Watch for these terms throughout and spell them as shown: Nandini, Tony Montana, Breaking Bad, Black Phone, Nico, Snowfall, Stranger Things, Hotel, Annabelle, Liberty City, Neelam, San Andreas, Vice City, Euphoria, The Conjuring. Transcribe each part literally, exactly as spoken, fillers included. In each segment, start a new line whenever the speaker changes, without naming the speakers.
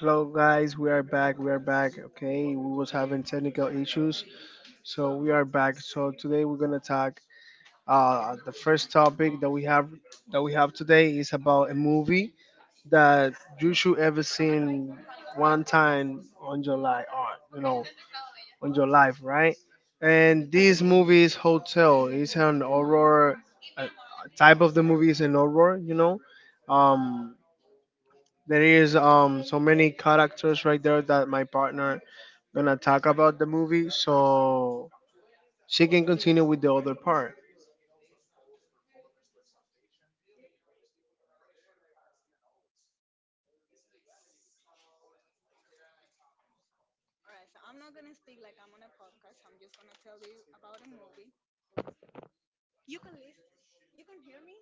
Hello guys, we are back. We are back. Okay, we was having technical issues, so we are back. So today we're gonna talk. Uh, the first topic that we have that we have today is about a movie that you should ever seen one time on your life, on you know, on your life, right? And this movie is Hotel. It's an horror uh, type of the movie is an horror, you know. Um, there is um so many characters right there that my partner gonna talk about the movie so she can continue with the other part.
All right, so I'm not gonna speak like I'm on a podcast. I'm just gonna tell you about a movie. You can listen. You can hear me.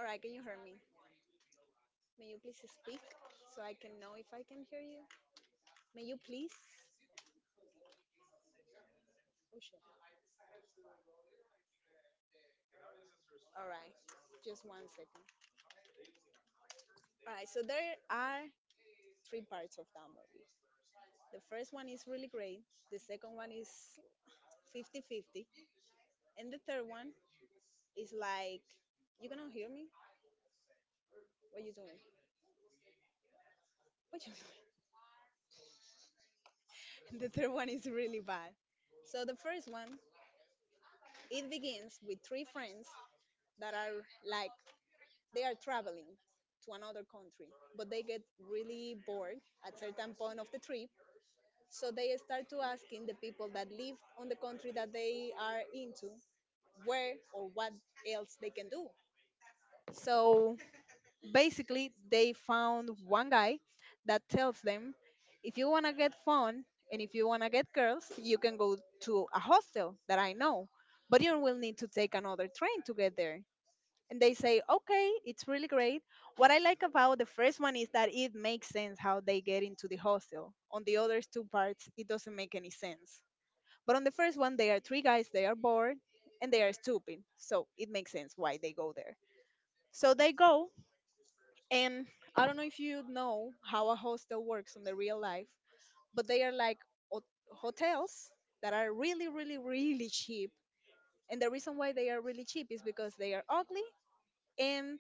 All right, can you hear me? May you please speak so I can know if I can hear you. May you please? Oh shit. All right, just one second. All right, so there are three parts of that movie. The first one is really great. The second one is fifty-fifty, and the third one. It's like you cannot hear me. What you doing? What you doing? The third one is really bad. So the first one, it begins with three friends that are, like, they are traveling to another country, but they get really bored at certain point of the trip. So they start to asking the people that live on the country that they are into where or what else they can do. So basically, they found one guy that tells them if you want to get fun and if you want to get girls, you can go to a hostel that I know, but you will need to take another train to get there. And they say, okay, it's really great. What I like about the first one is that it makes sense how they get into the hostel. On the other two parts, it doesn't make any sense. But on the first one, they are three guys, they are bored, and they are stupid, so it makes sense why they go there. So they go, and I don't know if you know how a hostel works in the real life, but they are like hot- hotels that are really, really, really cheap. And the reason why they are really cheap is because they are ugly, and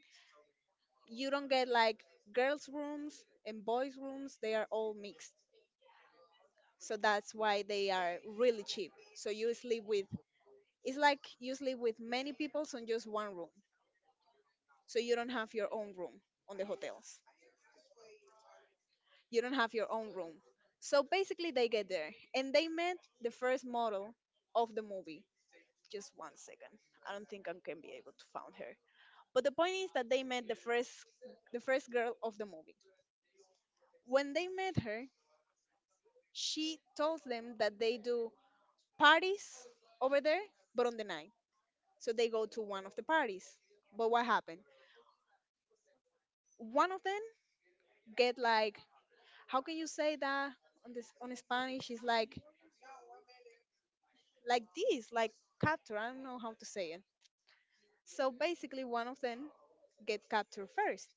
you don't get like girls' rooms and boys' rooms. They are all mixed. So that's why they are really cheap. So you sleep with, it's like you sleep with many people in just one room. So you don't have your own room on the hotels. You don't have your own room. So basically, they get there and they met the first model of the movie. Just one second. I don't think I can be able to find her. But the point is that they met the first the first girl of the movie. When they met her, she told them that they do parties over there, but on the night. So they go to one of the parties. But what happened? One of them get like, how can you say that on this on Spanish? It's like, like this, like capture. I don't know how to say it. So basically, one of them get captured first,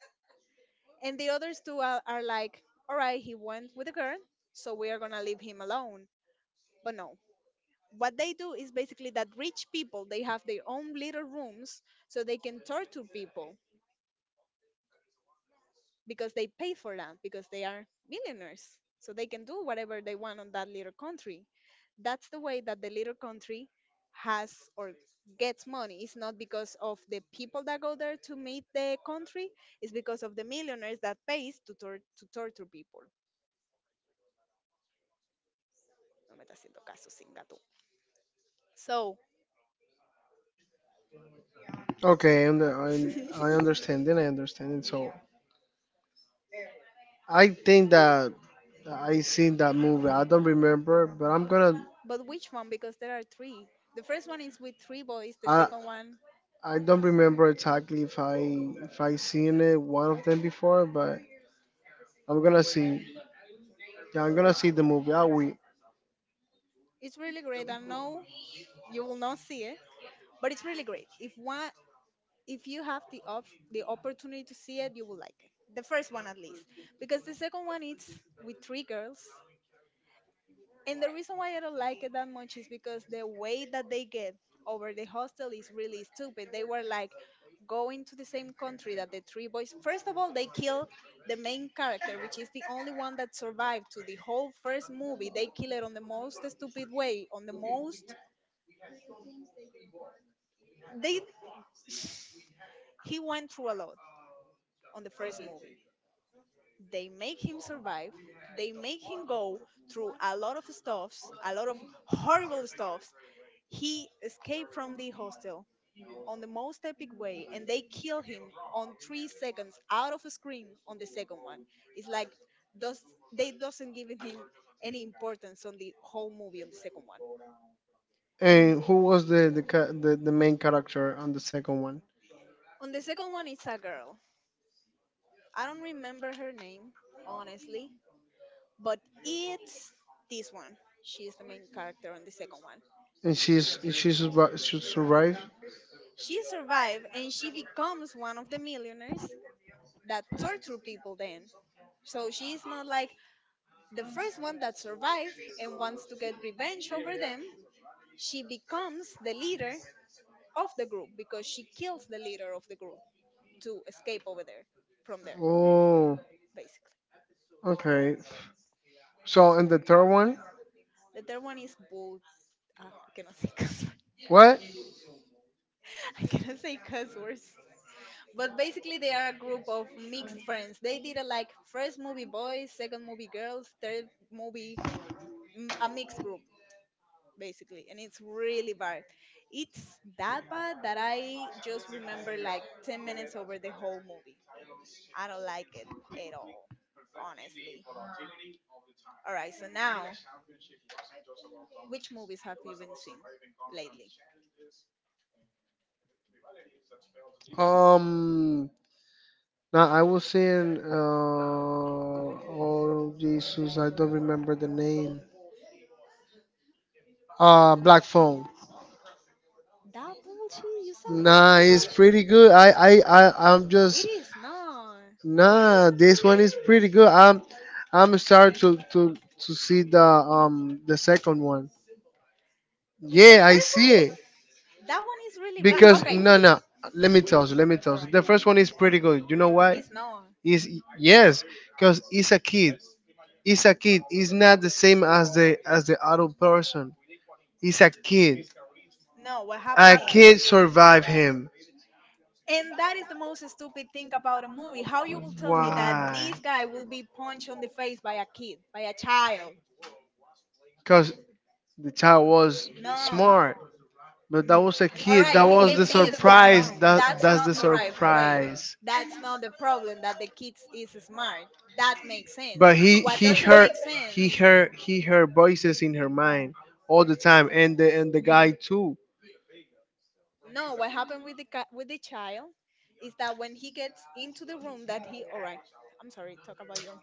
and the others two are, are like, all right, he went with the girl, so we are gonna leave him alone. But no, what they do is basically that rich people they have their own little rooms so they can torture people. Because they pay for that because they are millionaires, so they can do whatever they want on that little country. That's the way that the little country has or gets money. It's not because of the people that go there to meet the country. It's because of the millionaires that pays to, tor- to torture people. No me está haciendo caso sin gato. So
Okay, and I, I understand. Then I understand. And so I think that I seen that movie. I don't remember, but I'm gonna.
but which one? Because there are three. The first one is with three boys. The
I
second one
I don't remember exactly if I if I seen it one of them before, but I'm gonna see. Yeah, I'm gonna see the movie. I will.
is really great. I know you will not see it, but it's really great. If one if you have the op- the opportunity to see it, you will like it. The first one at least, because the second one is with three girls, and the reason why I don't like it that much is because the way that they get over the hostel is really stupid. They were like going to the same country that the three boys. First of all, they kill the main character, which is the only one that survived to the whole first movie. They kill it on the most stupid way, on the most they. He went through a lot on the first movie. They make him survive, they make him go through a lot of stuffs, a lot of horrible stuffs. He escaped from the hostel on the most epic way, and they kill him on three seconds out of screen on the second one. It's like, does they doesn't give him any importance on the whole movie on the second one. And
And who was the the ca- the, the main character on the second one?
on the second one, it's a girl. I don't remember her name, honestly, but it's this one. She is the main character on the second one.
And she's she's survi- she survived.
She survived and she becomes one of the millionaires that torture people then. So she is not like the first one that survived and wants to get revenge over them. She becomes the leader of the group because she kills the leader of the group to escape over there from there,
Oh,
basically.
okay. So in the third one,
The third one is Bull. ah, I cannot say cuss words.
what?
I cannot say cuss words. But basically, they are a group of mixed friends. They did a like first movie boys, second movie girls, third movie mm, a mixed group basically. And it's really bad. It's that bad that I just remember like ten minutes over the whole movie. I don't like it at all, honestly. All right, so now, which movies have you been seeing lately?
Um, Now I was saying, uh, oh Jesus, I don't remember the name. Uh, Black Phone.
That bullshit? You saw that
Nah, it's
bullshit?
pretty good. I, I, I, I'm
It
just
is not.
nah. This one is pretty good. I'm, I'm starting to to to see the um the second one.
The
Yeah, I
first
see it.
one, that one is really bad,
Because
okay?
no, no. Let me tell you. Let me
All
tell you.
right,
The first one is pretty good. You know why?
it's not.
Is yes, because it's a kid. It's a kid. It's not the same as the as the adult person. It's a kid.
No, what
A
happened
kid
is,
survived him.
and that is the most stupid thing about a movie. How you will tell me that
Why?
this guy will be punched on the face by a kid, by a child?
Because the child was
No.
smart. But that was a
All
kid.
right,
That
he
was
can
the
be smart.
surprise. surprise. That
That's
that's
not
the
all right. Wait,
surprise.
that's not the problem that the kids is smart. That makes sense.
But he
What
he
doesn't
heard
make
he
sense?
heard he heard voices in her mind all the time, and the and the guy too.
No, what happened with the ca- with the child is that when he gets into the room that he all right. I'm sorry, talk about your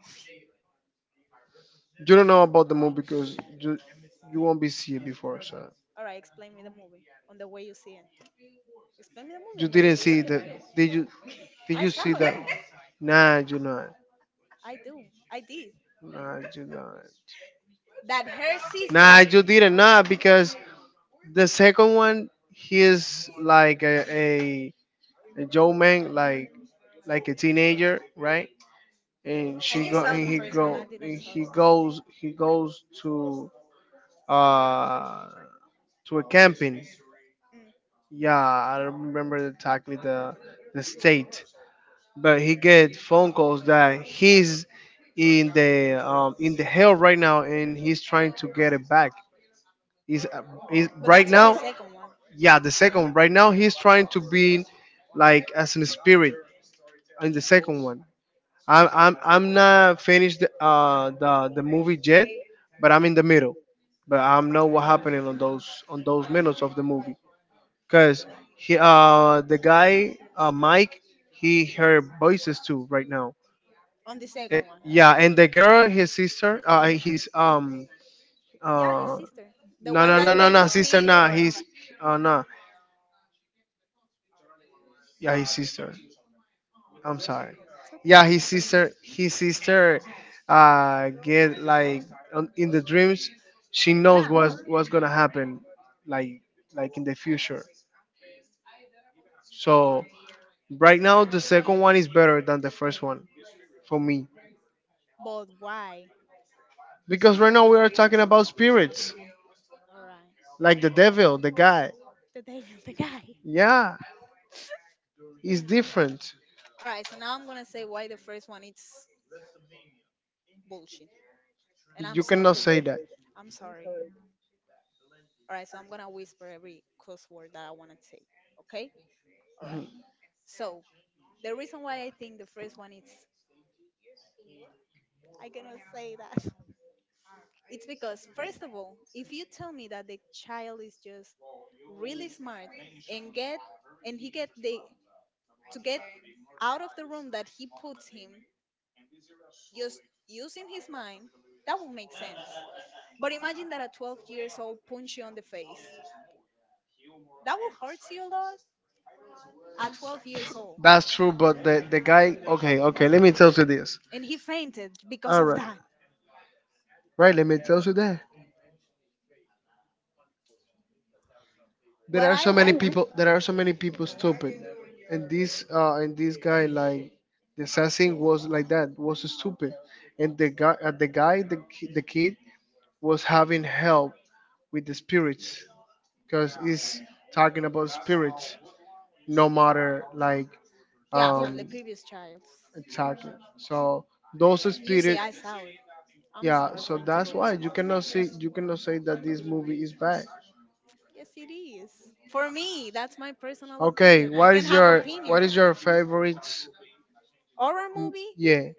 You don't know about the movie because you you won't be see it before, so
all right, explain me the movie on the way you see it. Explain me the movie
you
and the way
didn't
you
see
see
the
it.
did you did
I
you
saw
see that?
it.
Nah, you not.
I do. I did.
Nah, you not.
That her
Nah,
sister.
you didn't
All right.
not because the second one, he is like a, a, a Joe man, like like a teenager, right? And
I
she
just
go
saw
and
the
he
first one.
go
I didn't
and
saw
he
the second
goes he goes to uh to a camping.
one. Mm.
Yeah, I don't remember exactly the the state, but he get phone calls that he's in the um in the hell right now and he's trying to get it back. He's, uh, he's
But
right
that's on the
now,
second one.
yeah, the second. Right now, he's trying to be like as an spirit in the second one. I'm I'm I'm not finished the, uh the the movie yet, but I'm in the middle. But I'm know what happening on those on those minutes of the movie. Cause he uh the guy, uh Mike, he heard voices too right now.
On the
Eh,
second one.
yeah, and the girl, his sister, uh his um
Yeah, his
uh
sister. The
no,
one
no, no,
that
no,
can
no sister.
see.
Nah,
All right.
he's,
It's
uh nah, yeah, his sister. I'm sorry.
okay.
Yeah, his sister, his sister, uh, get like on, in the dreams. She knows
Yeah.
what's what's gonna happen, like like in the future. So right now, the second one is better than the first one for me
But why?
because right now we are talking about spirits,
All right.
like the devil, the guy.
The devil, the guy.
Yeah, it's different.
All right. So now I'm gonna say why the first one it's bullshit. And I'm
You cannot
sorry.
say that.
I'm sorry. All right, so I'm gonna whisper every cuss word that I wanna say. Okay? All right. So the reason why I think the first one is, I cannot say that. It's because first of all, if you tell me that the child is just really smart and get and he get the to get out of the room that he puts him just using his mind, that will make sense. But imagine that a twelve years old punch you on the face. That will hurt you a lot at twelve years old,
That's true, but the the guy. Okay, okay. Let me tell you this.
and he fainted because
All
of
right,
that.
right. Let me tell you that. There
What
are
I
so many
like,
people there are so many people stupid, and this uh and this guy, like the assassin, was like that was stupid, and the guy uh, the guy the, ki- the kid was having help with the spirits because he's talking about spirits no matter like
yeah, from the
um
previous child.
attacking, so those
You say
spirits,
I sour. I'm
yeah,
sorry
so
for
that's why
interrupting.
you cannot see you cannot say that this movie is bad.
Yes, it is. For me, that's my personal
Okay,
opinion. I
what
can
is
have
your what
opinions.
is your favorite?
Horror
Mm,
movie?
yeah,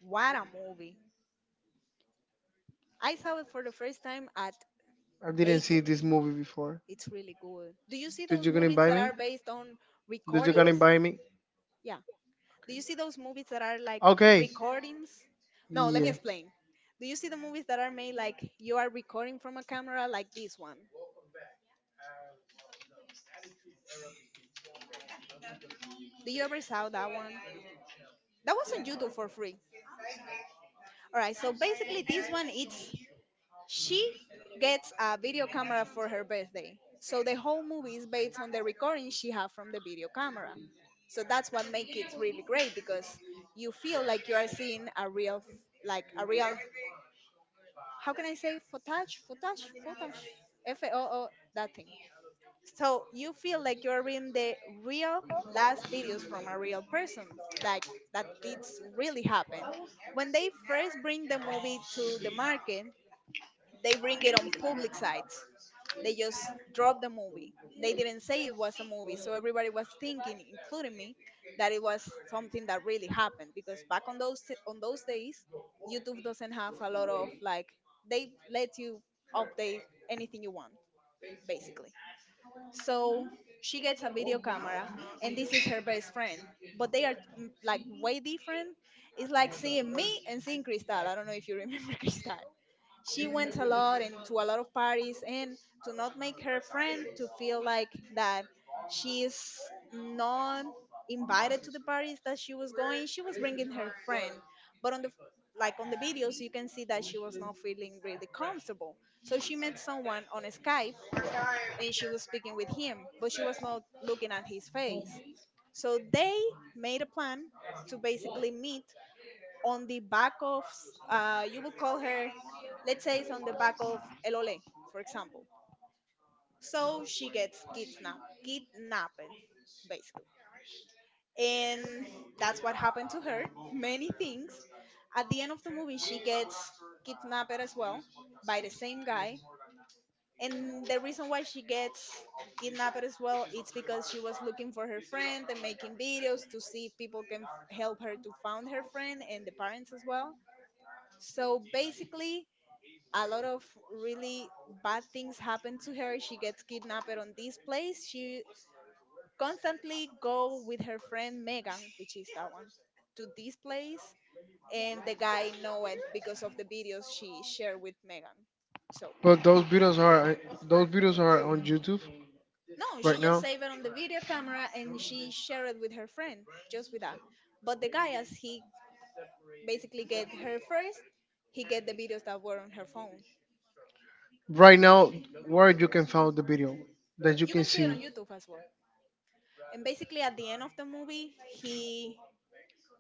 What a movie. I saw it for the first time at
I didn't
eight.
see this movie before.
It's really good. Do you see
Did
those
you gonna
movies
invite
that are
me?
based on
Did you gonna
recordings?
invite me?
Yeah. Do you see those movies that are like
Okay.
recordings? No, let me
Yeah.
explain. Do you see the movies that are made like you are recording from a camera like this one? Do you ever saw that one? That was on YouTube for free. All right, so basically, this one it's, she gets a video camera for her birthday. So the whole movie is based on the recording she had from the video camera. So that's what makes it really great because you feel like you are seeing a real f- like a real, how can I say, footage, footage, footage, F O O that thing. So you feel like you're reading the real last videos from a real person, like that it's really happened. When they first bring the movie to the market, they bring it on public sites. They just dropped the movie. They didn't say it was a movie, so everybody was thinking, including me, that it was something that really happened. Because back on those on those days, YouTube doesn't have a lot of like they let you update anything you want, basically. So she gets a video camera, and this is her best friend. But they are mm, like way different. It's like seeing me and seeing Cristal. I don't know if you remember Cristal. She went a lot and to a lot of parties, and to not make her friend to feel like that she's not invited to the parties that she was going. She was bringing her friend, but on the like on the videos, you can see that she was not feeling really comfortable. So she met someone on Skype and she was speaking with him, but she was not looking at his face. So they made a plan to basically meet on the back of, s- uh, you will call her, let's say it's on the back of Elole, for example. So she gets kidnapped, kidnapped, basically. And that's what happened to her. Many things. At the end of the movie, she gets kidnapped as well by the same guy. And the reason why she gets kidnapped as well, it's because she was looking for her friend and making videos to see if people can help her to find her friend and the parents as well. So basically, a lot of really bad things happen to her. She gets kidnapped on this place. She constantly go with her friend Megan, which is that one, to this place, and the guy know it because of the videos she shared with Megan. So
But those videos are those videos are on YouTube
no, she
right
just
now.
saved it on the video camera and she shared it with her friend, just with that. But the guy, as he basically get her first, he get the videos that were on her phone.
Right now, where you can find the video that you
You
can
can see it on
see.
YouTube as well. And basically, at the end of the movie, he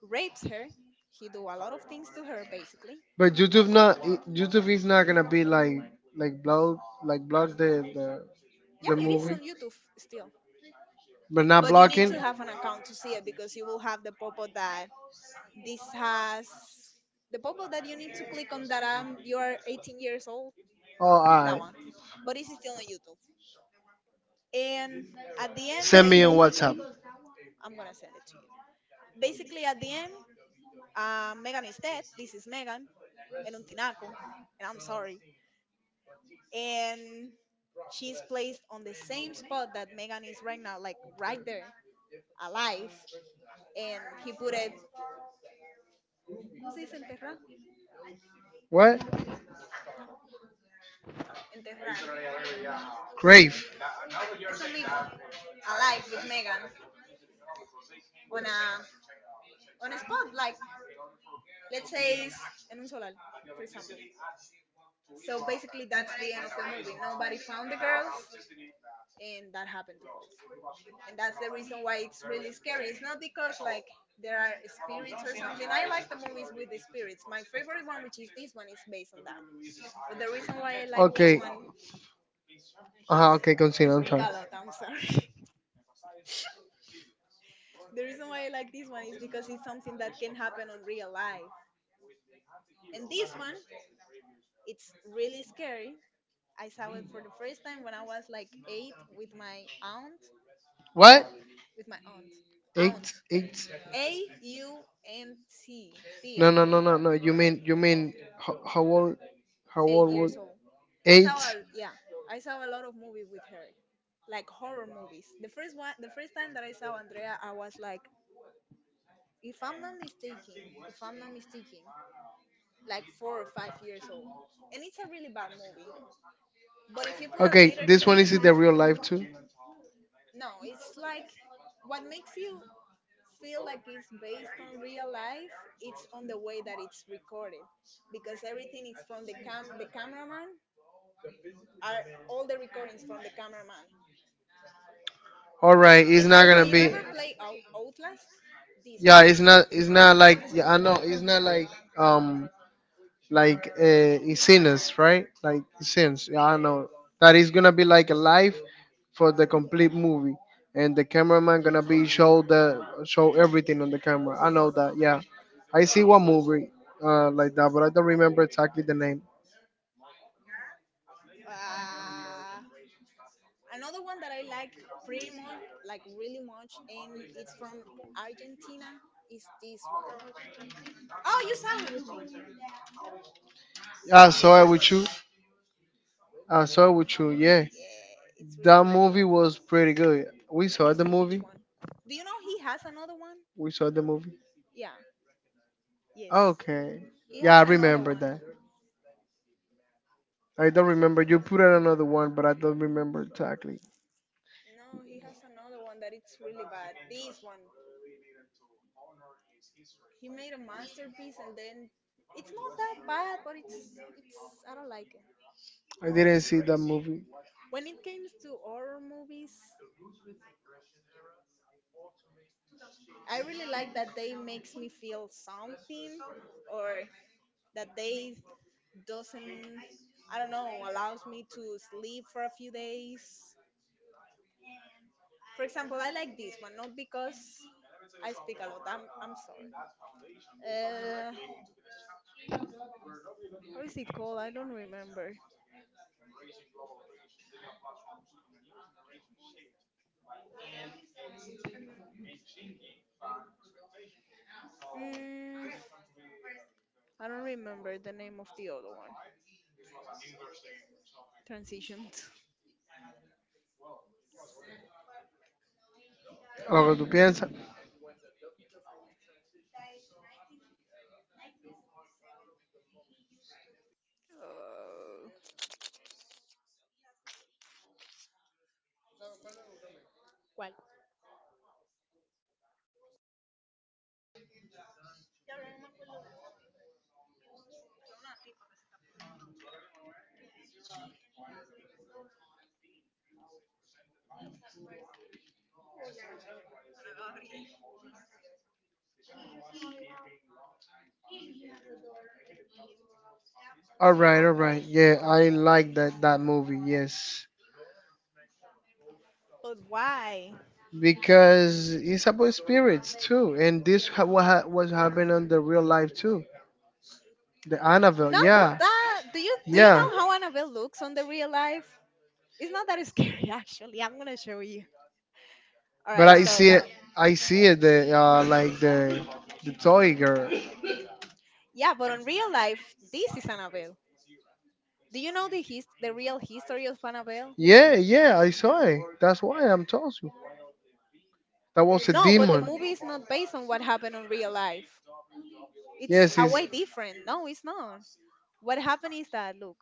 rapes her. He do a lot of things to her, basically.
But YouTube not YouTube is not gonna be like, like block, like block the the,
Yeah,
the
it is
movie.
on YouTube still,
But not
but you need
blocking?
to have an account to see it because you will have the pop-up that this has the pop-up that you need to click on that um you are eighteen years old.
Oh,
That
alright.
one, but it's still on YouTube. And at the end,
Send me on
basically,
WhatsApp.
I'm gonna send it to you. Basically, at the end, uh, Megan is dead. This is Megan and Untinaco, and I'm sorry. And she's placed on the same spot that Megan is right now, like right there, alive. And he put it, ¿cómo se dice enterrar?
What?
Ra- Enterrar.
Grave.
Eso mismo. Alive with Megan on a on a spot, like let's say it's en un solar, for example. So basically, that's the end of the movie. Nobody found the girls, and that happened to both. And that's the reason why it's really scary. It's not because like there are spirits or something. I like the movies with the spirits. My favorite one, which is this one, is based on that. But the reason why I like this
Okay.
one,
Uh huh. Okay,
I
continue. I'm
speak
sorry.
a lot, I'm sorry. The reason why I like this one is because it's something that can happen on real life. And this one, it's really scary. I saw it for the first time when I was like eight with my aunt,
What?
with my aunt, aunt,
Eight, eight.
A U N T, Tia,
No, no, no, no, no. You mean, you mean, how, how old? How
eight
old was
years old. I
eight?
saw, a, yeah, I saw a lot of movies with her, like horror movies. The first one, the first time that I saw Andrea, I was like if I'm not mistaken, if I'm not mistaken, like four or five years old. And it's a really bad movie. But if you put a
Okay,
little
this one
kid,
is it the real life too?
no, it's like what makes you feel like it's based on real life, it's on the way that it's recorded. Because everything is from the cam the cameraman are all the recordings from the cameraman.
All right, it's
It's like
not
do
gonna
you
be.
ever play Out- Outlast? This
Yeah,
one.
it's not. It's not
It's in
like.
the same
Yeah,
way.
I know. It's not like. Um, like uh, Sinus, right? Like Sins. Yeah, I know. That is gonna be like a live for the complete movie, and the cameraman gonna be show the show everything on the camera. I know that. Yeah, I see one movie uh like that, but I don't remember exactly the name.
Ah, another one that I like pretty much, like really much, and it's from Argentina is this one. Oh, you saw it with me.
I
This
saw it
one.
with you. I saw it with you. Yeah,
Yeah, it's really
that
cool.
movie was pretty good. We
Let
saw
me
the
see which
movie.
one. Do you know he has another one?
We saw the movie.
Yeah. Yes,
Okay.
he
Yeah, I
has another
remember
one.
that. I don't remember. You put out another one, but I don't remember exactly.
No, he has another one that it's really bad. This one, he made a masterpiece, and then it's not that bad, but it's it's I don't like it.
I didn't see that movie.
When it comes to horror movies, I really like that they makes me feel something or that they doesn't, I don't know, allows me to sleep for a few days. For example, I like this one not because I speak a lot. I'm I'm sorry. Uh, how is it called? I don't remember. Mm, I don't remember the name of the other one. Transitioned.
Algo tú piensas.
Uh, Well,
All right, all right. Yeah, I like that that movie. Yes,
but why?
because it's about spirits too, and this ha- what ha- was happened on the real life too. The Annabelle.
Not
Yeah,
that. Do you do you
yeah.
know how Annabelle looks on the real life? It's not that scary, actually. I'm gonna show you. All
But
right,
I
so
see it. I see it. The uh, like the the toy girl.
yeah, but on real life, this is Annabelle. Do you know the his- the real history of Annabelle?
Yeah, yeah, I saw it. That's why I'm telling you. That was a
No, but the
demon.
movie is not based on what happened on real life. It's
Yes,
a
it's
way different. No, it's not. What happened is that look,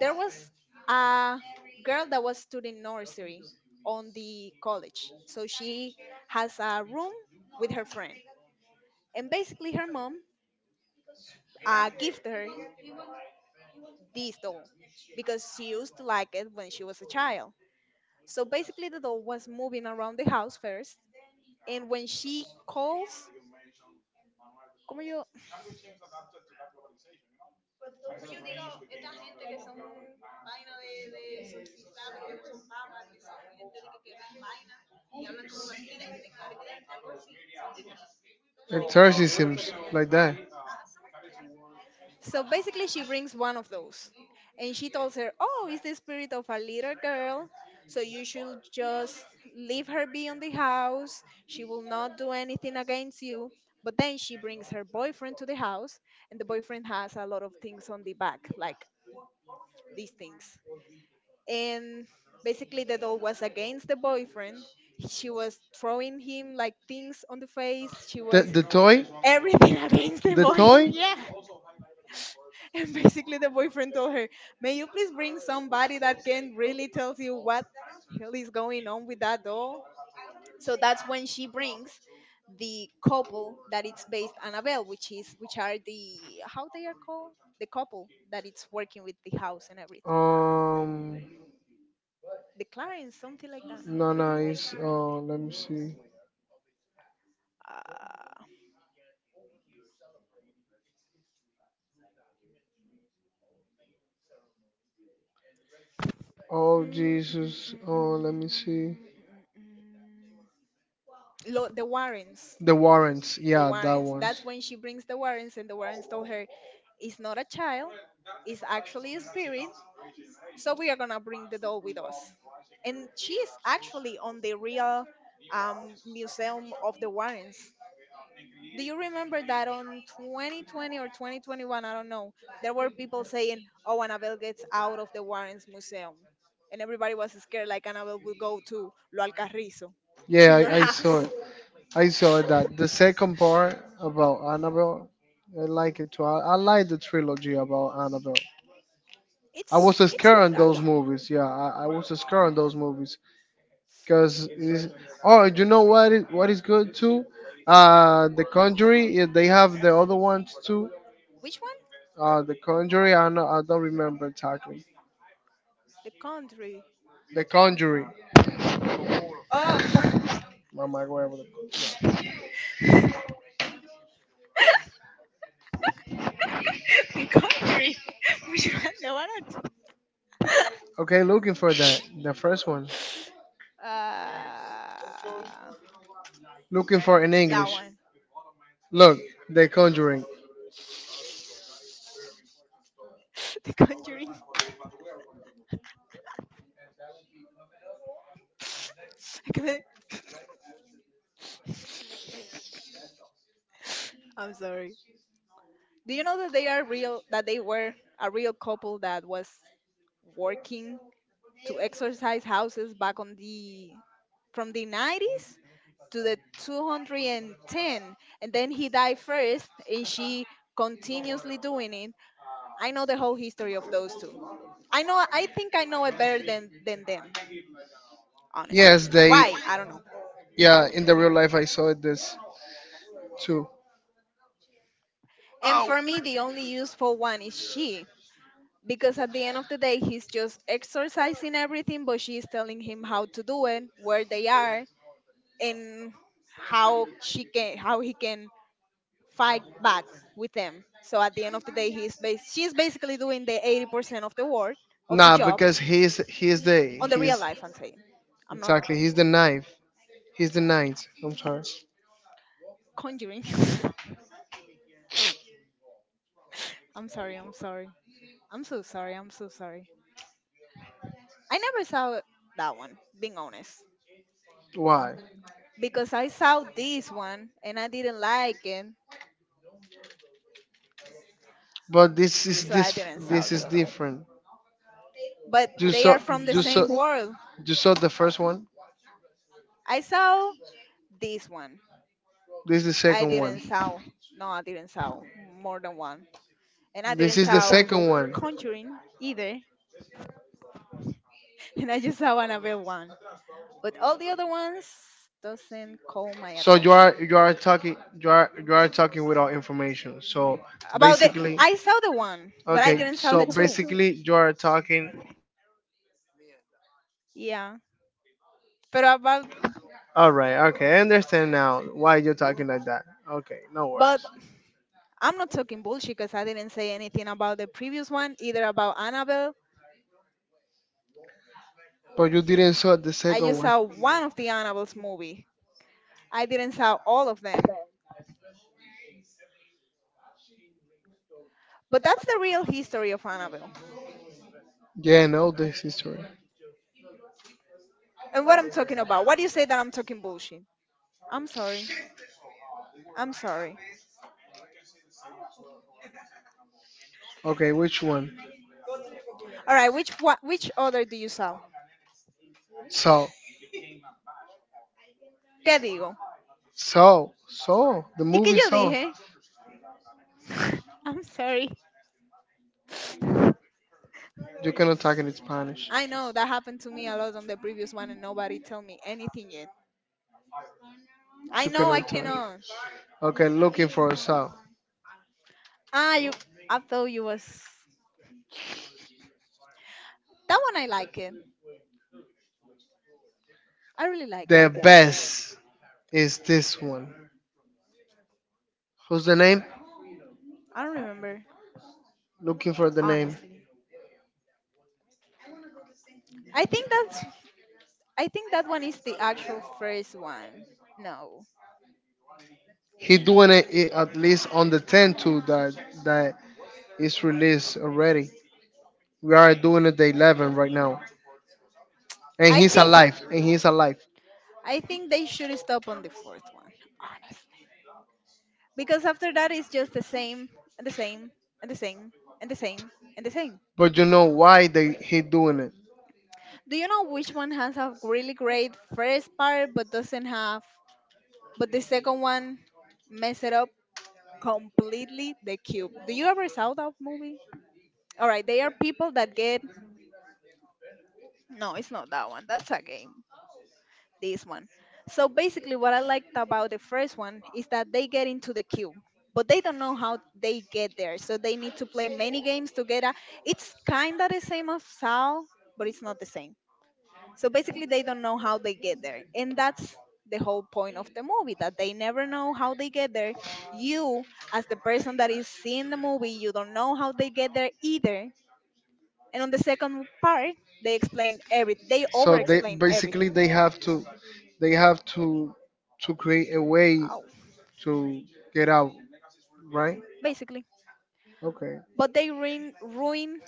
there was a girl that was studying nursery on the college, so she has a room with her friend, and basically her mom uh, gifted her this doll because she used to like it when she was a child. So basically, the doll was moving around the house first, and when she calls, como yo?
exorcisms like that.
So basically, she brings one of those, and she tells her, "Oh, it's the spirit of a little girl." So you should just leave her be in the house. She will not do anything against you. But then she brings her boyfriend to the house, and the boyfriend has a lot of things on the back, like these things. And basically the doll was against the boyfriend. She was throwing him like things on the face. She
The
was
the toy,
everything against the
the
boys,
toy.
yeah. And basically the boyfriend told her, may you please bring somebody that can really tell you what hell is going on with that doll. So that's when she brings the couple that it's based Annabelle, which is which are the, how they are called, the couple that it's working with the house and everything.
Um,
The Clarence, something like
no, no, it's. Oh, let me see.
that.
Oh
Mm, mm, mm,
Jesus.
mm, mm,
Oh, let me see.
mm. mm. mm. Lo- the Warrens,
The warrants.
the
Yeah, that
Warrens.
one.
That's when she brings the Warrens, and the Warrens told her, "It's not a child, it's actually a spirit. So we are gonna bring the doll with us." And she is actually on the real um, museum of the Warrens. Do you remember that on twenty twenty or twenty twenty-one, I don't know, there were people saying, oh, Annabelle gets out of the Warrens museum, and everybody was scared like Annabelle will go to Lo Alcarrizo to
Yeah,
your
I, I saw
house.
it. I saw that the second part about Annabelle. I like it too. I, I like the trilogy about Annabelle. I was
It's it's
scared on
good
those
actually.
movies. Yeah, I, I was scared on those movies because oh, you know what is what is good too? Uh, The Conjuring. Yeah, they have the other ones too.
Which one?
Uh, The Conjuring. I know, I don't remember exactly.
The country.
The Conjuring.
Oh,
Oh my God.
the country. Which one, the one or two?
Okay, looking for that. The first one.
uh
Looking for in
that
English.
one.
Look, The Conjuring.
The Conjuring. I couldn't- I'm sorry. Do you know that they are real, that they were a real couple that was working to exercise houses back on the from the nineties to the two hundred and ten, and then he died first and she continuously doing it? I know the whole history of those two. I know, I think I know it better than than them, honestly.
Yes, they.
Why? I don't know.
Yeah, in the real life I saw this too.
And for me the only useful one is she, because at the end of the day he's just exercising everything but she's telling him how to do it, where they are and how she can how he can fight back with them. So at the end of the day, he's bas- she's basically doing the eighty percent of the work of the
Nah,
job
because he's he's the
on the real
he's
life. I'm saying, I'm not
exactly he's the knife. He's the ninth. I'm sorry.
conjuring. I'm sorry. I'm sorry. I'm so sorry. I'm so sorry. I never saw that one. Being honest,
Why?
because I saw this one and I didn't like it,
But this is
so I
this
didn't saw
this
the
is
other one.
different.
But
You
they
saw
are from the
you saw
same world.
you saw the first one.
I saw this one.
This is the
I
second one.
didn't saw. No, I didn't saw more than one. And I
This
didn't
is the
saw
second
The
one.
Conjuring either, and I just saw Annabelle one. But all the other ones doesn't call my
So you
attention.
are you are talking, you are you are talking without information. So
About the,
basically,
I saw the one, but I
okay.
didn't saw
So
the two.
basically, you are talking.
Yeah, but about,
All right. Okay. I understand now why you're talking like that. Okay. No
but
worries.
I'm not talking bullshit because I didn't say anything about the previous one either about Annabelle.
But you didn't saw the
I
second
just
one.
saw one of the Annabelle's movie. I didn't saw all of them, but that's the real history of Annabelle.
Yeah. No, this is true.
And what I'm talking about. What do you say that I'm talking bullshit? I'm sorry. I'm sorry.
Okay. Which one?
All right, which what, which other do you sell?
So.
¿Qué digo?
So. So. The
¿Y qué
movie
yo
So.
dije? I'm sorry.
You cannot talk in Spanish.
I know that happened to me a lot on the previous one and nobody tell me anything yet. I
You
know I
cannot talk.
cannot.
Okay. Looking for So.
Ah, you I thought you was That one I like it. I really like it.
The best is this one. Who's the name?
I don't remember
Looking for the name.
honestly. I think that's I think that one is the actual first one. No.
He doing it, it at least on the tenth too that that is released already. We are doing it the eleven right now, and
I
he's
think
alive, and he's alive.
I think they should stop on the fourth one, honestly. Because after that, it's just the same, and the same, and the same, and the same, and the same.
But you know why they he doing it?
Do you know which one has a really great first part but doesn't have, but the second one mess it up completely? The Cube. Do you ever saw that movie? All right, they are people that get. No, it's not that one. That's a game. This one. So basically, what I liked about the first one is that they get into the queue, but they don't know how they get there. So they need to play many games together. It's kind of the same as Sao, but it's not the same. So basically, they don't know how they get there. And that's the whole point of the movie that they never know how they get there. You, as the person that is seeing the movie, you don't know how they get there either. And on the second part, they explain everything, they over
So they
explain
basically
everything.
they have to they have to to create a way
Oh,
to get out, right?
basically.
Okay.
But they ruin ruin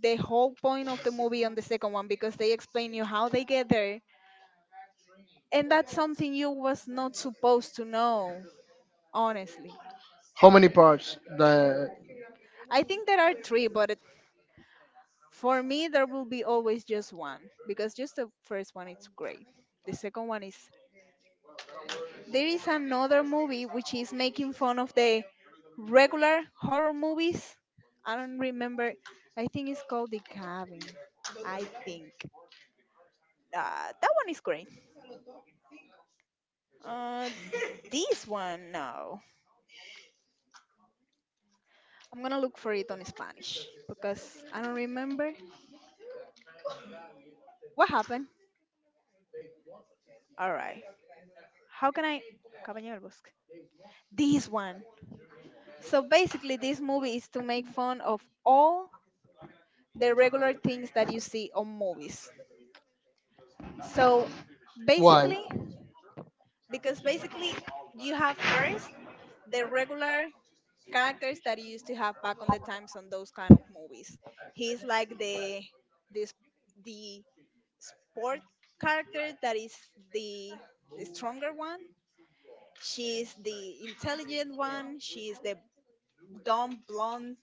the whole point of the movie on the second one because they explain you how they get there, and that's something you was not supposed to know, honestly.
How many parts? The
I think there are three, but it- for me there will be always just one because just the first one it's great. The second one is there is another movie which is making fun of the regular horror movies. I don't remember. I think it's called The Cabin, I think. Uh, that one is great. uh, This one, no. I'm gonna look for it on Spanish because I don't remember what happened. All right. How can I? Caballero del Bosque. This one. So basically, this movie is to make fun of all the regular things that you see on movies. So
why?
basically, because basically, you have first the regular characters that you used to have back on the times on those kind of movies. He's like the this the sport character that is the, the stronger one. She's the intelligent one. She's the dumb blonde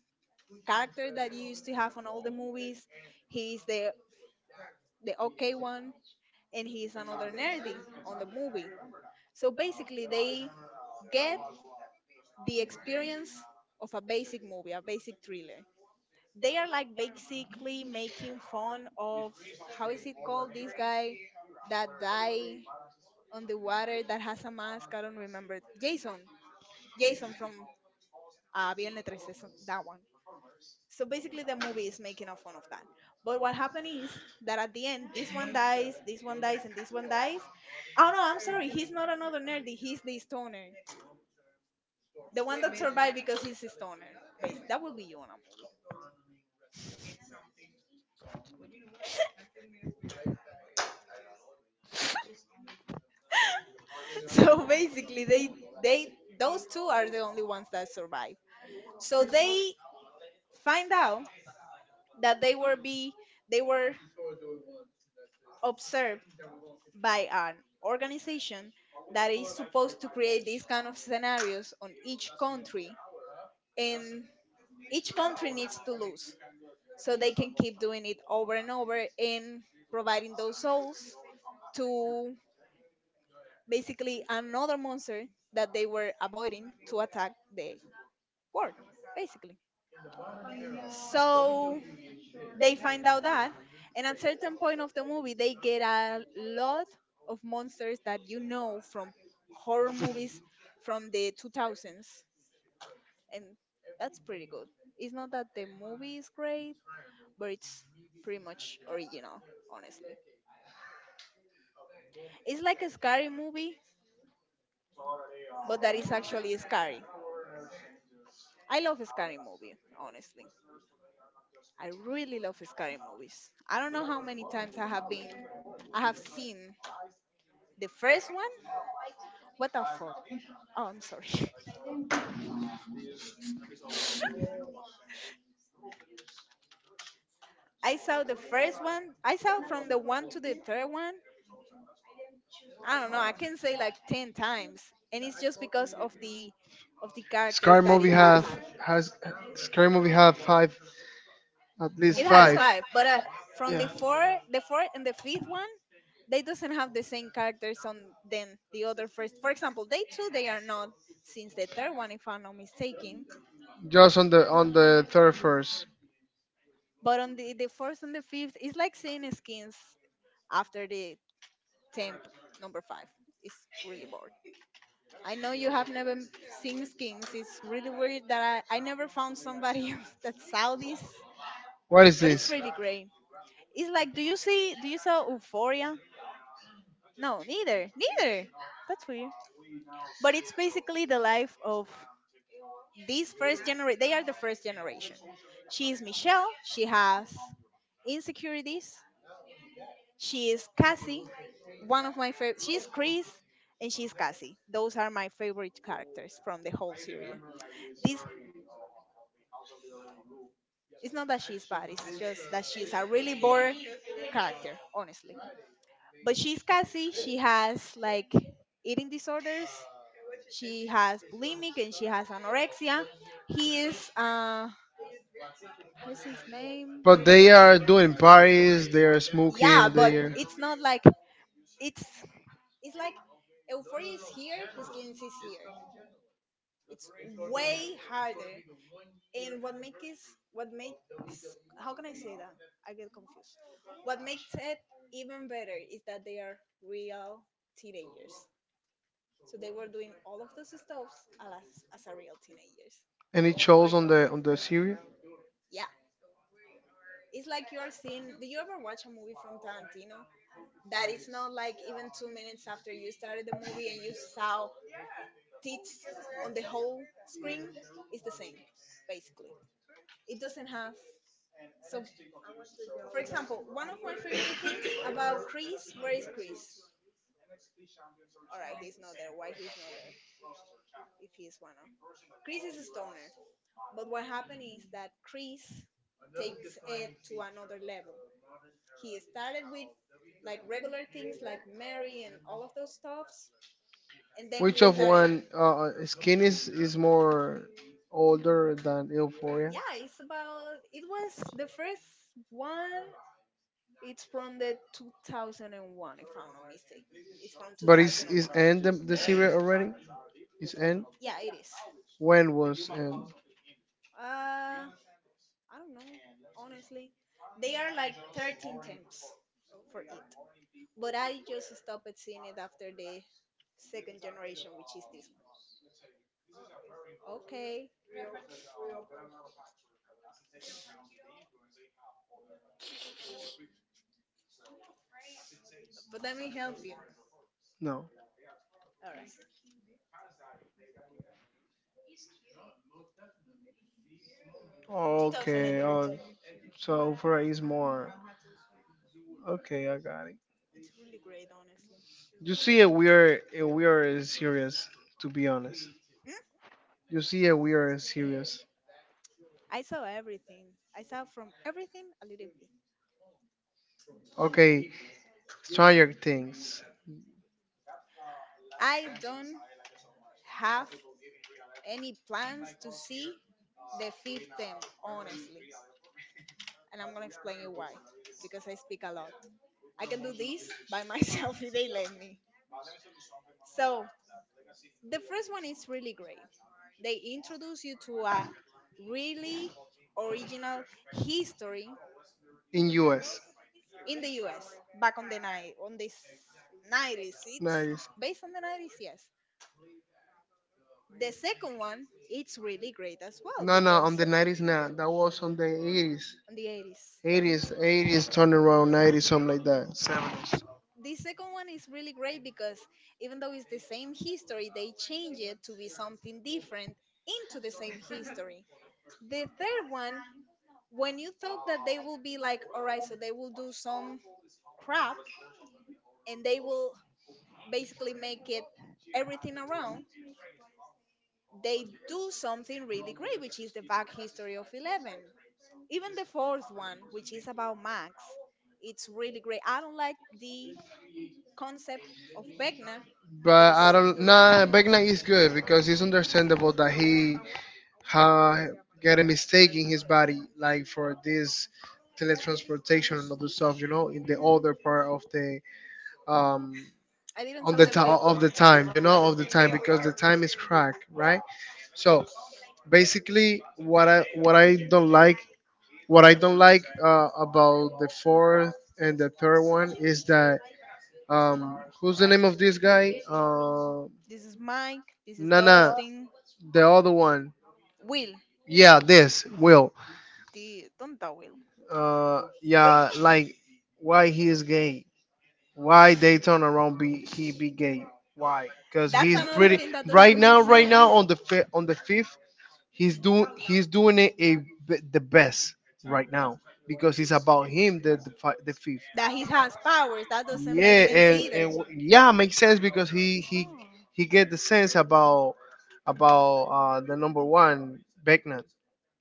character that you used to have on all the movies. He's the the okay one, and he's another nerdy on the movie. So basically, they get the experience of a basic movie, a basic thriller. They are like basically making fun of how is it called this guy that die on the water that has a mask. I don't remember. Jason. Jason from uh, Viernes thirteen, so that one. So basically, the movie is making a fun of that. But what happened is that at the end, this one dies, this one dies, and this one dies. Oh no, I'm sorry. He's not another nerdy. He's the stoner. The one that survived because he's a stoner. Bas- That will be you on a movie. So basically, they they those two are the only ones that survive. So they find out that they were be they were observed by an organization that is supposed to create these kind of scenarios on each country, and each country needs to lose so they can keep doing it over and over and providing those souls to basically another monster that they were avoiding to attack the world, basically. So they find out that, and at certain point of the movie they get a lot of monsters that you know from horror movies from the two thousands, and that's pretty good. It's not that the movie is great, but it's pretty much original, honestly. It's like a scary movie but that is actually scary. I love a scary movie, honestly. I really love scary movies. I don't know how many times i have been I have seen the first one. What the fuck. Oh, I'm sorry. I saw the first one. I saw from the one to the third one. I don't know. I can say like ten times, and it's just because of the of the characters
Scary
that
movie
it
have
has.
has Scary movie have five. At least
It has
five.
five, but uh, from the
Yeah.
four, the fourth and the fifth one, they doesn't have the same characters on than the other first. For example, they two they are not since the third one, if I'm not mistaken.
Just on the on the third first.
But on the the fourth and the fifth, it's like seeing Skins after the temp number five. It's really boring. I know you have never m- seen Skins. It's really weird that I, I never found somebody of that Saudis,
What is
but it's
this?
really great. It's like, do you see? Do you saw Euphoria? No, neither, neither. That's weird. But it's basically the life of these first generation. They are the first generation. She is Michelle. She has insecurities. She is Cassie. One of my favorite. She's Chris, and she's Cassie. Those are my favorite characters from the whole series. This. It's not that she's bad, it's just that she's a really boring character, honestly. But she's Cassie, she has like eating disorders, she has bulimic, and she has anorexia. He is, uh, how's his name?
But they are doing parties. They are
Yeah,
smoking.
but
They are
it's not like, it's, it's like Euphoria is here, his skin is here. It's way harder. And what makes what makes how can I say that? I get confused. What makes it even better is that they are real teenagers. So they were doing all of those stuffs as as a real teenagers.
any shows on the on the series.
Yeah. It's like you're seeing do you ever watch a movie from Tarantino that it's not like even two minutes after you started the movie and you saw tits on the whole screen? It's the same, basically. It doesn't have so for example, one of my favorite things about Chris, where is Chris? All right, he's not there. Why he's not there? If he's one of Chris is a stoner, but what happened is that Chris takes it to another level. He started with like regular things like Mary and all of those stuffs, and then
Which
he
of
started
one uh, uh, skin is is more older than Euphoria?
yeah, it's about. It was the first one. It's from the two thousand one, if I'm not mistaken. It's from
But is is
two thousand one.
end the, the series already? Is end
Yeah, it is.
when was end?
Uh, I don't know. Honestly, they are like thirteen temps for it. But I just stopped seeing it after the second generation, which is this one. Okay, but let me help you.
No.
All right,
Okay.
twenty thirteen.
Oh, so Oprah is more. Okay, I got it.
It's really great, honestly.
You see, we are we are serious. To be honest,
Hmm?
you see, we are serious.
I saw everything. I saw from everything a little bit.
Okay, Stranger Things
I don't have any plans to see the fifth temp, honestly. And I'm gonna explain you why. Because I speak a lot. I can do this by myself if they let me. So the first one is really great. They introduce you to a really original history
in U S.
in the U S back on the night on this nineties. It's
Nice.
based on the nineties, yes. The second one, it's really great as well
No, no, on
because
the nineties not. That was on the eighties.
on the eighties.
Eighties, eighties, turn around, nineties, something like that. Seventies.
The second one is really great because even though it's the same history, they change it to be something different into the same history. The third one, when you thought that they will be like, all right, so they will do some crap and they will basically make it everything around, they do something really great, which is the back history of eleven. Even the fourth one, which is about Max, it's really great. I don't like the concept of Vecna
But
because
I
it's-
don't. Nah, Beckman is
Mhm.
good because it's understandable that he ha, get a mistake in his body, like for this teletransportation and other stuff. You know, in the older part of the um
I didn't
on
saw
the
the
ti
fifth
of the
one.
time. You know, of the time because the time is cracked, right? So basically, what I what I don't like what I don't like, uh, about the fourth and the third one is that um who's the name of this guy? Uh,
This is Mike. This is
Nana,
Dustin.
the other one.
Will.
Yeah, this Will.
The don't tell Will.
uh yeah like, why he is gay? Why they turn around be he be gay? Why? Because
That's
he's
another
pretty.
thing that
Right
doesn't make
now right
sense.
now on the fi- on the fifth, he's doing he's doing it a, b- the best right now, because it's about him, the the, fi- the fifth.
That he has powers. That doesn't
Yeah,
make sense
and and
either.
w- yeah, makes sense because he
It's
he
not.
he get the sense about about uh, the number one, Beckman.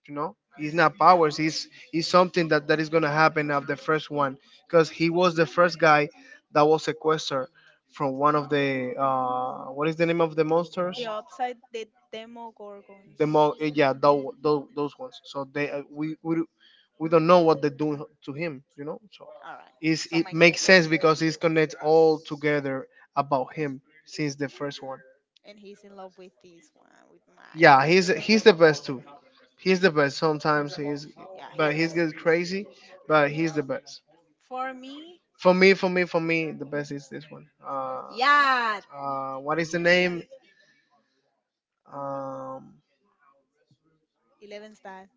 You know, he's not powers. He's he's something that that is gonna happen of the first one, because he was the first guy that was sequestered from one of the uh, what is the name of the monsters?
The upside, the Demogorgons.
The more, yeah, those those ones. So they, uh, we we do- we don't know what they do to him, you know. So
All right,
it's, oh,
so
it makes
makes sense.
sense because it's connects all together about him since the first one.
And he's in love with this one, with Mike.
Yeah, he's he's the best too. He's the best sometimes. He's
Yeah, he
But he's
is.
gets crazy, but he's the best.
For me,
For me for me for me, the best is this one. Uh
yeah,
uh what is the name? um
Eleven Star.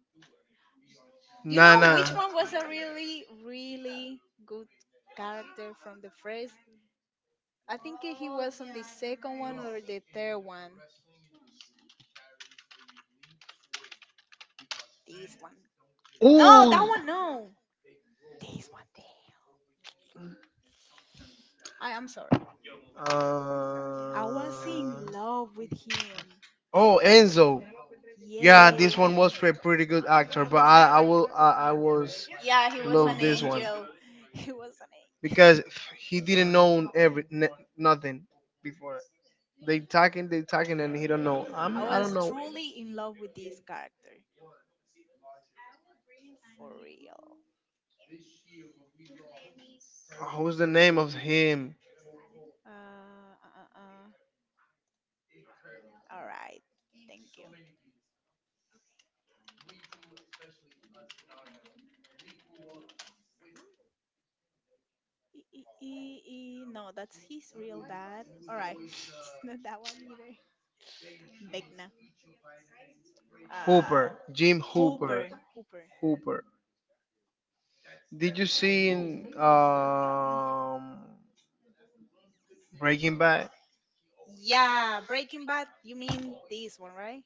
You know
Nana.
which one was a really, really good character from the first? I think he was on the second one or the third one. This one,
No,
no,
oh,
that
that,
one,
oh,
no. This one, thing. I am sorry. I was
one, no.
in
Uh,
love with him.
oh, Enzo. Yeah, this one
Yeah.
was for a pretty good actor, but I, I will, I, I was
Yeah,
yeah,
he
he was
was
love an
an
this one angel.
angel. He was an angel.
Because he didn't know every n- nothing before. They talking, they talking, and he don't know. I'm,
I
I don't
was
know.
truly in love with this character. For real.
Who's the name of him?
Uh, uh, uh. uh. All right. Thank you. E- e- e- e- No, that's his real dad. All right. It's not that one either. Beckna. Uh,
Hooper, Jim Hooper,
Hooper. Hooper. Hooper.
Hooper. Did you see
Oh.
in um, Breaking Bad?
Yeah, Breaking Bad, you mean this one, right?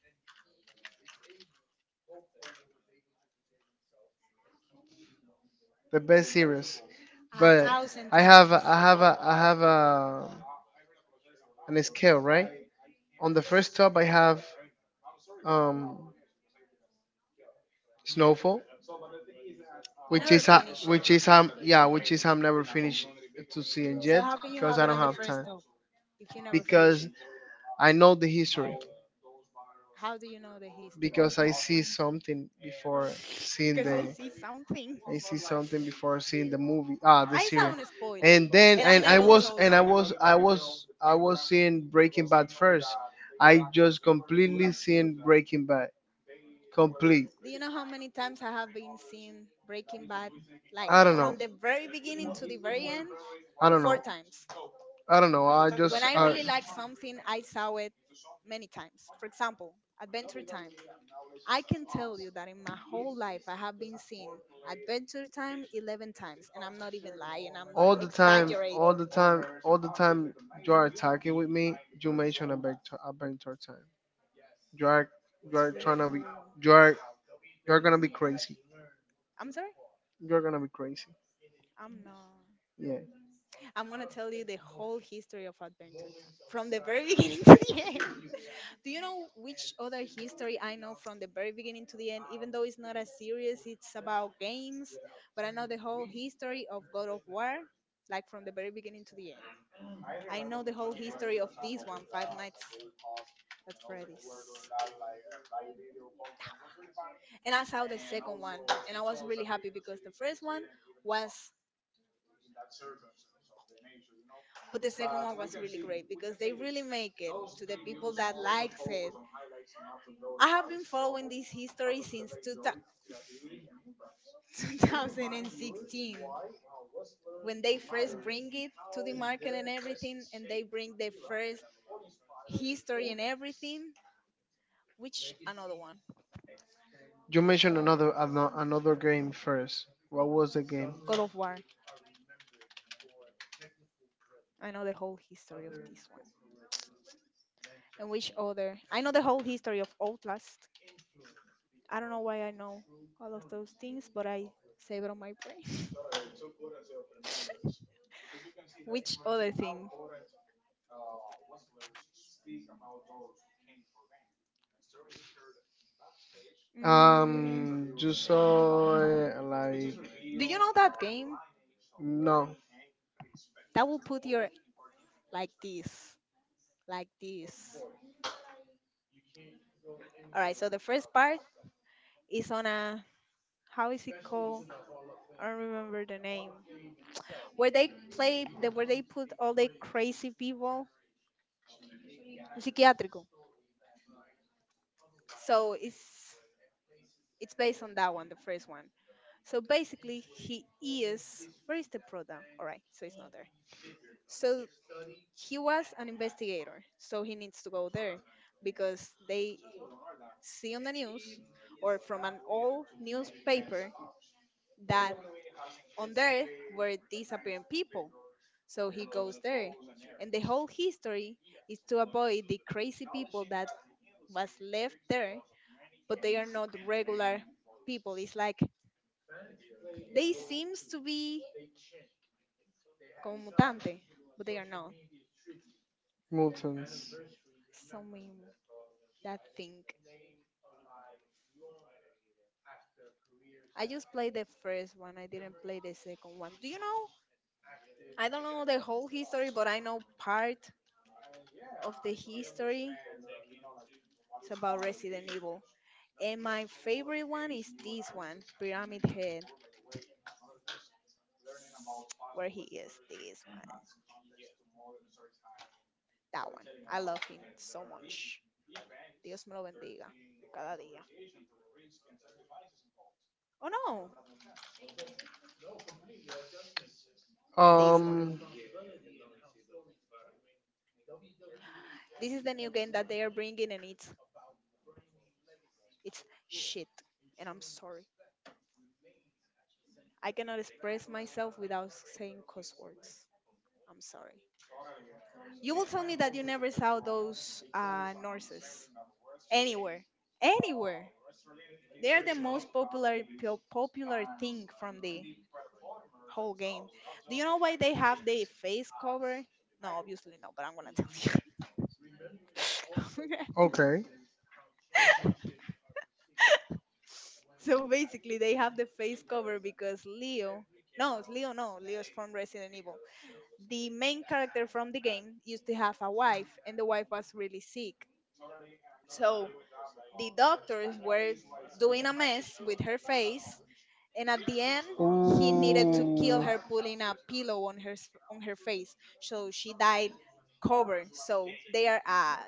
The best series.
A
But
thousand
I have
times.
I have a, I have a an scale, right. On the first top, I have um, Snowfall,
You
which
never
is a,
finish it.
which is um yeah which is I'm never finished to seeing
So
yet,
how can you
because
have
I
it
don't
on the
have
first
time,
top if you never finish
because
it?
I know the history,
How do you know the history?
because I see something before seeing
Because I
the
see something.
I see something before seeing the movie, ah the
I saw
series.
a spoiler,
And then,
and I
and I
never
was
told
and
you
I
that.
was I was I was seeing Breaking Bad first. I just completely seen Breaking Bad. Complete.
Do you know how many times I have been seeing Breaking Bad, like
I don't
from
know.
the very beginning to the very end?
I don't
Four
know.
times.
I don't know. I
When
just.
I
I,
really like something, I saw it many times. For example, Adventure Time. I can tell you that in my whole life I have been seeing Adventure Time eleven times, and I'm not even lying, I'm not
all the time, all
exaggerating.
the time, all the time you are attacking with me, you mention adventure, adventure time. You are, you
It's
are
really
trying to be,
cool.
you are, you are gonna be crazy.
I'm sorry?
You're gonna be crazy.
I'm not.
Yeah.
I'm gonna tell you the whole history of Adventure Time from the very beginning to the end. Do you know which other history I know from the very beginning to the end? Even though it's not as serious, it's about games, but I know the whole history of God of War, like from the very beginning to the end. I know the whole history of this one, Five Nights at Freddy's. And I saw the second one, and I was really happy because the first one was, but the second one was really great because they really make it to the people that likes it. I have been following this history since twenty sixteen when they first bring it to the market and everything, and they bring the first history and everything. Which another one?
You mentioned another ano- another game first. What was the game?
God of War. I know the whole history of this one. And which other? I know the whole history of Outlast. I don't know why I know all of those things, but I save it on my brain. Which other thing? Mm,
Um, you saw, uh, like
do you know that game
no,
that will put your like this, like this? All right. So the first part is on a how is it called? I don't remember the name. Where they play, the, where they put all the crazy people, psiquiatrico. So it's it's based on that one, the first one. So basically, he is. Where is the product? All right. So it's not there. So he was an investigator, so he needs to go there because they see on the news or from an old newspaper that on there were disappearing people. So he goes there. And the whole history is to avoid the crazy people that was left there, but they are not regular people. It's like they seems to be como mutante, but they are not.
mutants.
So many that thing. I just played the first one. I didn't play the second one. Do you know? I don't know the whole history, but I know part of the history. It's about Resident Evil. And my favorite one is this one, Pyramid Head, where he is. This one. That one. I love him so much. Dios me lo bendiga. Cada día. Oh no, this one.
Um.
This is the new game that they are bringing, and it's it's shit. And I'm sorry. I cannot express myself without saying cuss words. I'm sorry. You will tell me that you never saw those uh, nurses anywhere, anywhere. They are the most popular po- popular thing from the whole game. Do you know why they have the face cover? No, obviously no, but I'm gonna tell you.
Okay.
So basically, they have the face cover because Leo. No, it's Leo. No, Leo's from Resident Evil. The main character from the game used to have a wife, and the wife was really sick. So the doctors were doing a mess with her face, and at the end, he needed to kill
Oh,
her, putting a pillow on her s- on her face, so she died covered. So they are uh,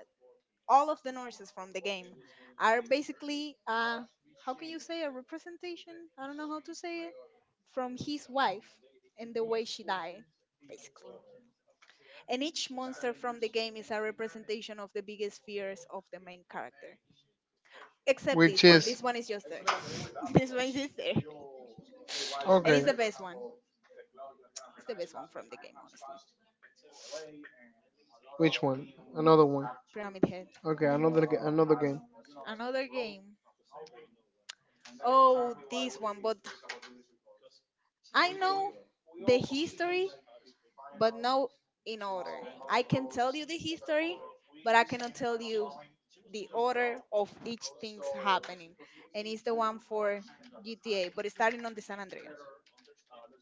all of the nurses from the game are basically uh, how can you say a representation? I don't know how to say it from his wife and the way she died, basically. And each monster from the game is a representation of the biggest fears of the main character. Except
which
this one. This
is
one is just this one is there. And it's
okay.
the best one. It's the best one from the game, honestly.
Which one? Another one.
Pyramid Head.
Okay, another ga- another game.
Another game. Oh, this one. But I know the history, but no in order. I can tell you the history, but I cannot tell you the order of each thing's happening. And it's the one for G T A, but it's starting on the San Andreas.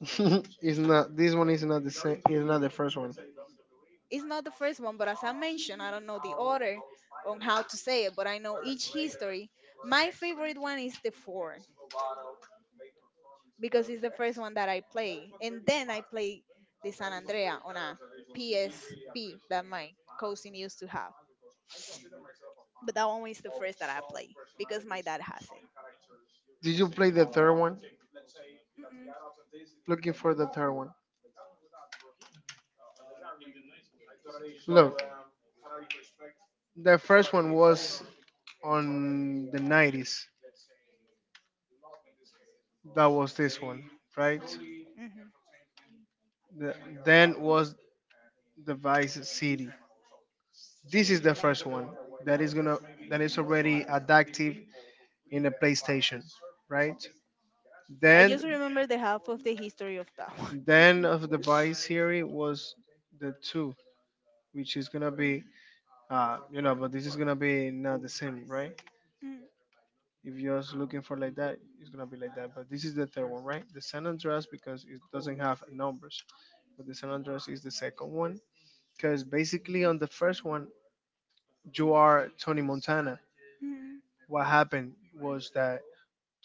It's not. This one is not the same. It's not the first one.
It's not the first one, but as I mentioned, I don't know the order on how to say it, but I know each history. My favorite one is the four because it's the first one that I play. And then I play the San Andrea on a P S P that my cousin used to have. But that one is the first that I play because my dad has it.
Did you play the third one?
Mm-mm.
Looking for the third one. Look, the first one was on the nineties. That was this one, right?
Hmm.
The, then was the Vice City. This is the first one that is gonna that is already adaptive in the PlayStation, right?
I
Then
just remember the half of the history of that one.
then of the Vice series was the two, which is gonna be, Uh, you know, but this is gonna be not the same, right?
Mm,
If you're just looking for like that, it's gonna be like that. But this is the third one, right? The San Andreas, because it doesn't have numbers, but the San Andreas is the second one, because basically on the first one you are Tony Montana.
mm.
What happened was that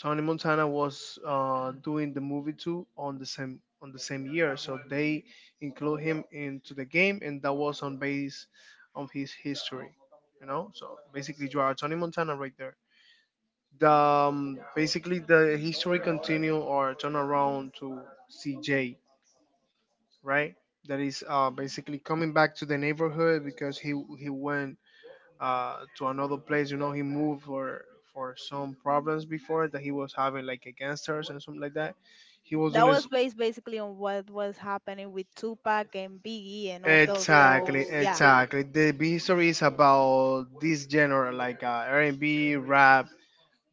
Tony Montana was, uh, doing the movie too on the same on the same year, so they include him into the game, and that was on base on his history. You know, so basically you are Tony Montana right there. The, um, basically the history continue or turn around to C J, right? That is, uh, basically coming back to the neighborhood because he he went, uh, to another place. You know, he moved for for some problems before that he was having, like against and something like that. He was
That
doing this.
was based basically on what was happening with Tupac and Biggie and all those
Exactly,
those. Yeah.
exactly. The B history is about this genre, like, uh, R and B, rap.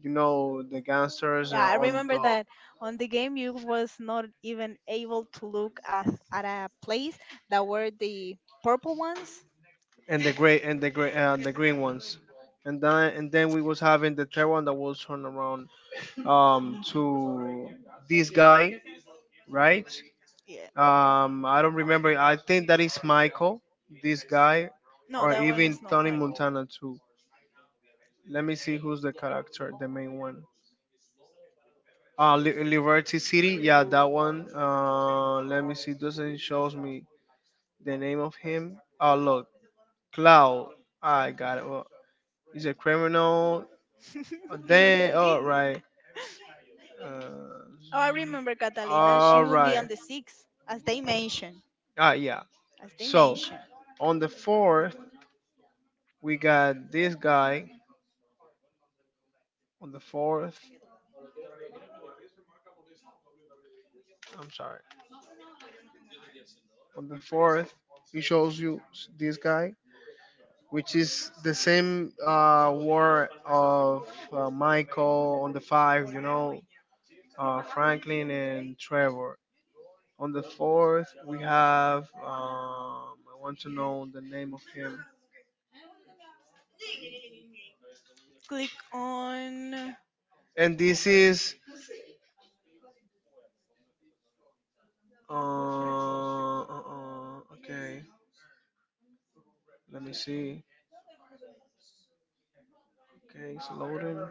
You know, the gangsters
Yeah, I
are on
remember
top.
that on the game you was not even able to look at at a place that were the purple ones.
And the gray, and the gray, uh, the green ones. And then, and then we was having the third one that was turned around, um to this guy, right.
Yeah.
um I don't remember, I think that is Michael, this guy,
No,
or
that one
even
is not
Tony
Michael.
Montana too. Let me see who's the character, the main one. uh Li- liberty City, yeah, that one. Uh let me see, doesn't shows me the name of him. Oh, look, cloud, I got it. Well, he's a criminal.
Montana too.
Oh,
Cannot
they, all
speak.
right.
Oh,
Uh,
I remember Catalina. She
all
will be right.
right.
On the six, as they mention.
Ah, yeah.
As they
So
mention.
on the fourth, we got this guy. On the fourth, I'm sorry. On the fourth, he shows you s- this guy, which is the same, uh, war of, uh, Michael on the five. You know, uh, Franklin and Trevor. On the fourth, we have. Um, I want to know the name of him.
Click on
And this is, Uh, uh, uh, okay. Let me see. Okay, it's loading.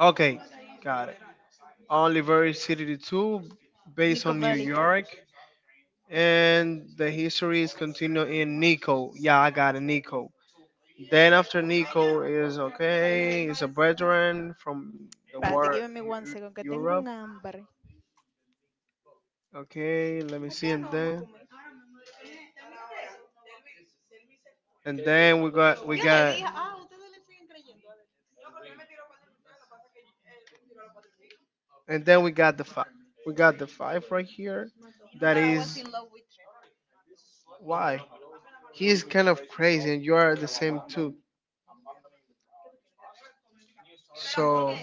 Okay, got it. Oliver City two, based
Nico
on New
Bellic.
York. And the history is continued in Nico. Yeah, I got it, Nico. Then after Nico is, okay, is a veteran from the
Espérate,
war.
give me one
Eu-
second, que tengo
Europe.
un hambre.
Okay, let me see, and then, and then we got we got. And then we got the five. We got the five right here. That is why he is kind of crazy, and you are the same too. So,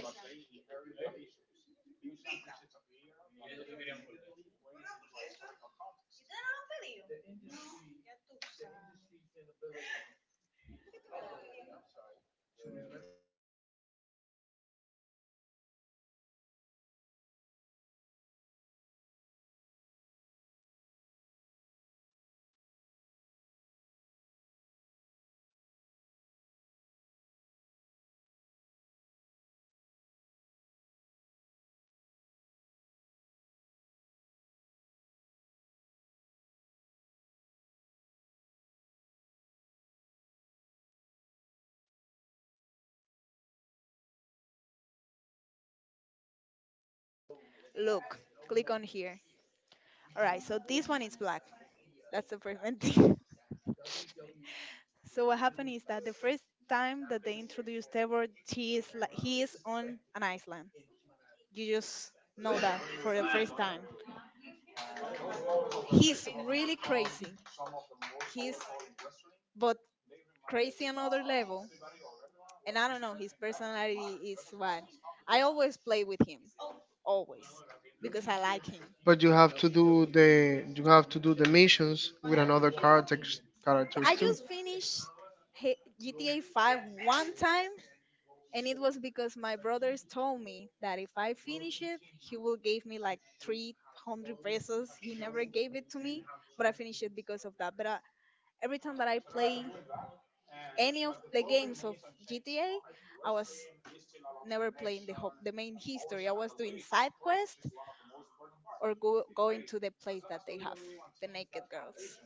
Look, click on here. All right, so this one is black. That's the first one. So what happened is that the first time that they introduced Trevor, he is like he is on an island. You just know that for the first time. He's really crazy. He's but crazy another level. And I don't know, his personality is what I always play with him, always, because I like him.
but you have to do the, you have to do the missions with another characters, characters
I
too.
just finished he- G T A five one time. And it was because my brothers told me that if I finish it, he will give me like three hundred pesos. He never gave it to me, but I finished it because of that. But uh, every time that I play any of the games of G T A, I was never playing the ho- the main history. I was doing side quest or go- going to the place that they have the naked girls.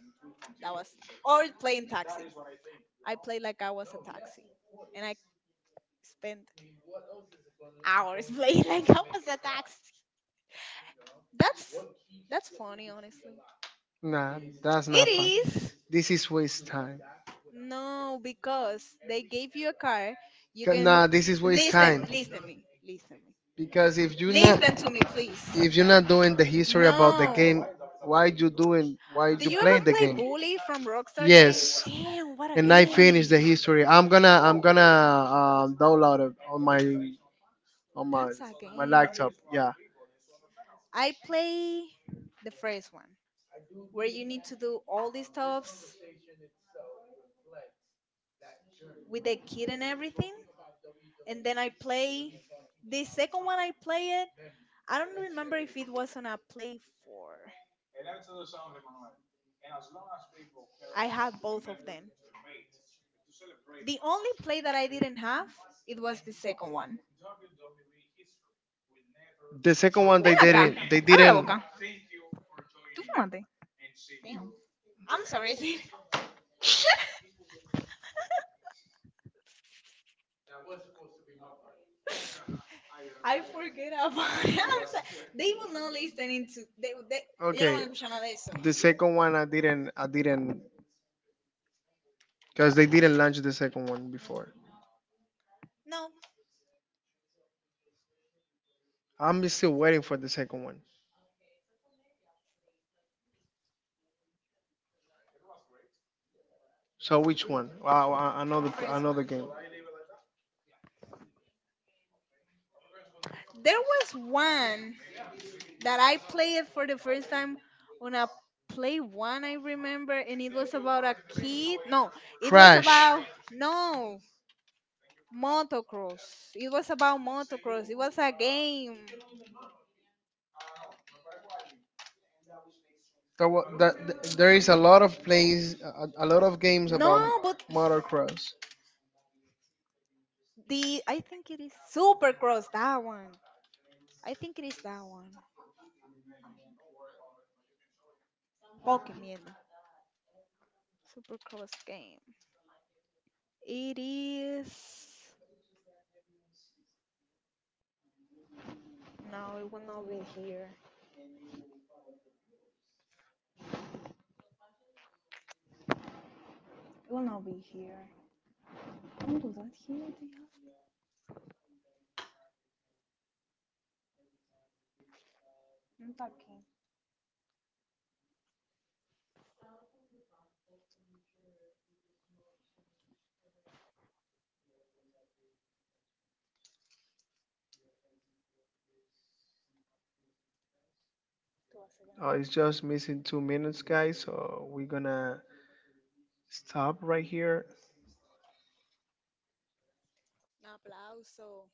That was or playing taxi. I played like I was a taxi, and I spent hours playing like I was a taxi. That's that's funny, honestly.
Nah, that's not
It
fun.
is.
This is waste time.
No, because they gave you a car. You
Ca-
can
Nah, this is waste
listen,
time.
listen me, listen me,
Because if you leave
listen
not,
to me, please.
if you're not doing the history about the
No.
game, why you doing why
Do
you
you ever
play the
play
game?
Bully from Rockstar Games?
Yes.
Damn, what a
And I finished the
game!
history. I'm gonna I'm gonna, um, download it on my, on my
That's a
on my laptop.
game.
Yeah.
I play the first one where you need to do all these stuffs with the kid and everything. And then I play the second one I play it. I don't remember if it was on a play four. I had both of them. The only play that I didn't have it was the second one.
The second one,
Ven
they
acá,
didn't, they
abre la
didn't
boca. Tú fumaste. Damn. I'm sorry, Sid. I forget about it. I'm
I'm
sorry. They will
sorry.
not listen into. They, they, ellos no Okay.
Okay.
van a escuchar nada de eso.
The second one I didn't, I didn't because they didn't launch the second one before.
No,
I'm still waiting for the second one. So which one? Wow, a-
no, the
another,
first one.
another game.
There was one that I played it for the first time on a play one, I remember, and it was about a kid. No, it was
Crash.
about no motocross. It was about motocross. It was a game.
There, wa- the- the- there is a lot of plays, a, a lot of games
No,
about
but
motocross.
the I think it is Supercross that one. I think it is that one. Pokemon Supercross game. It is no, it will not be here. It will not be here. Don't do that here. They have. No, it's okay. Tú vas a Oh,
Uh,
grabar.
it's just missing two minutes, guys. So we're gonna stop right here.
Un aplauso.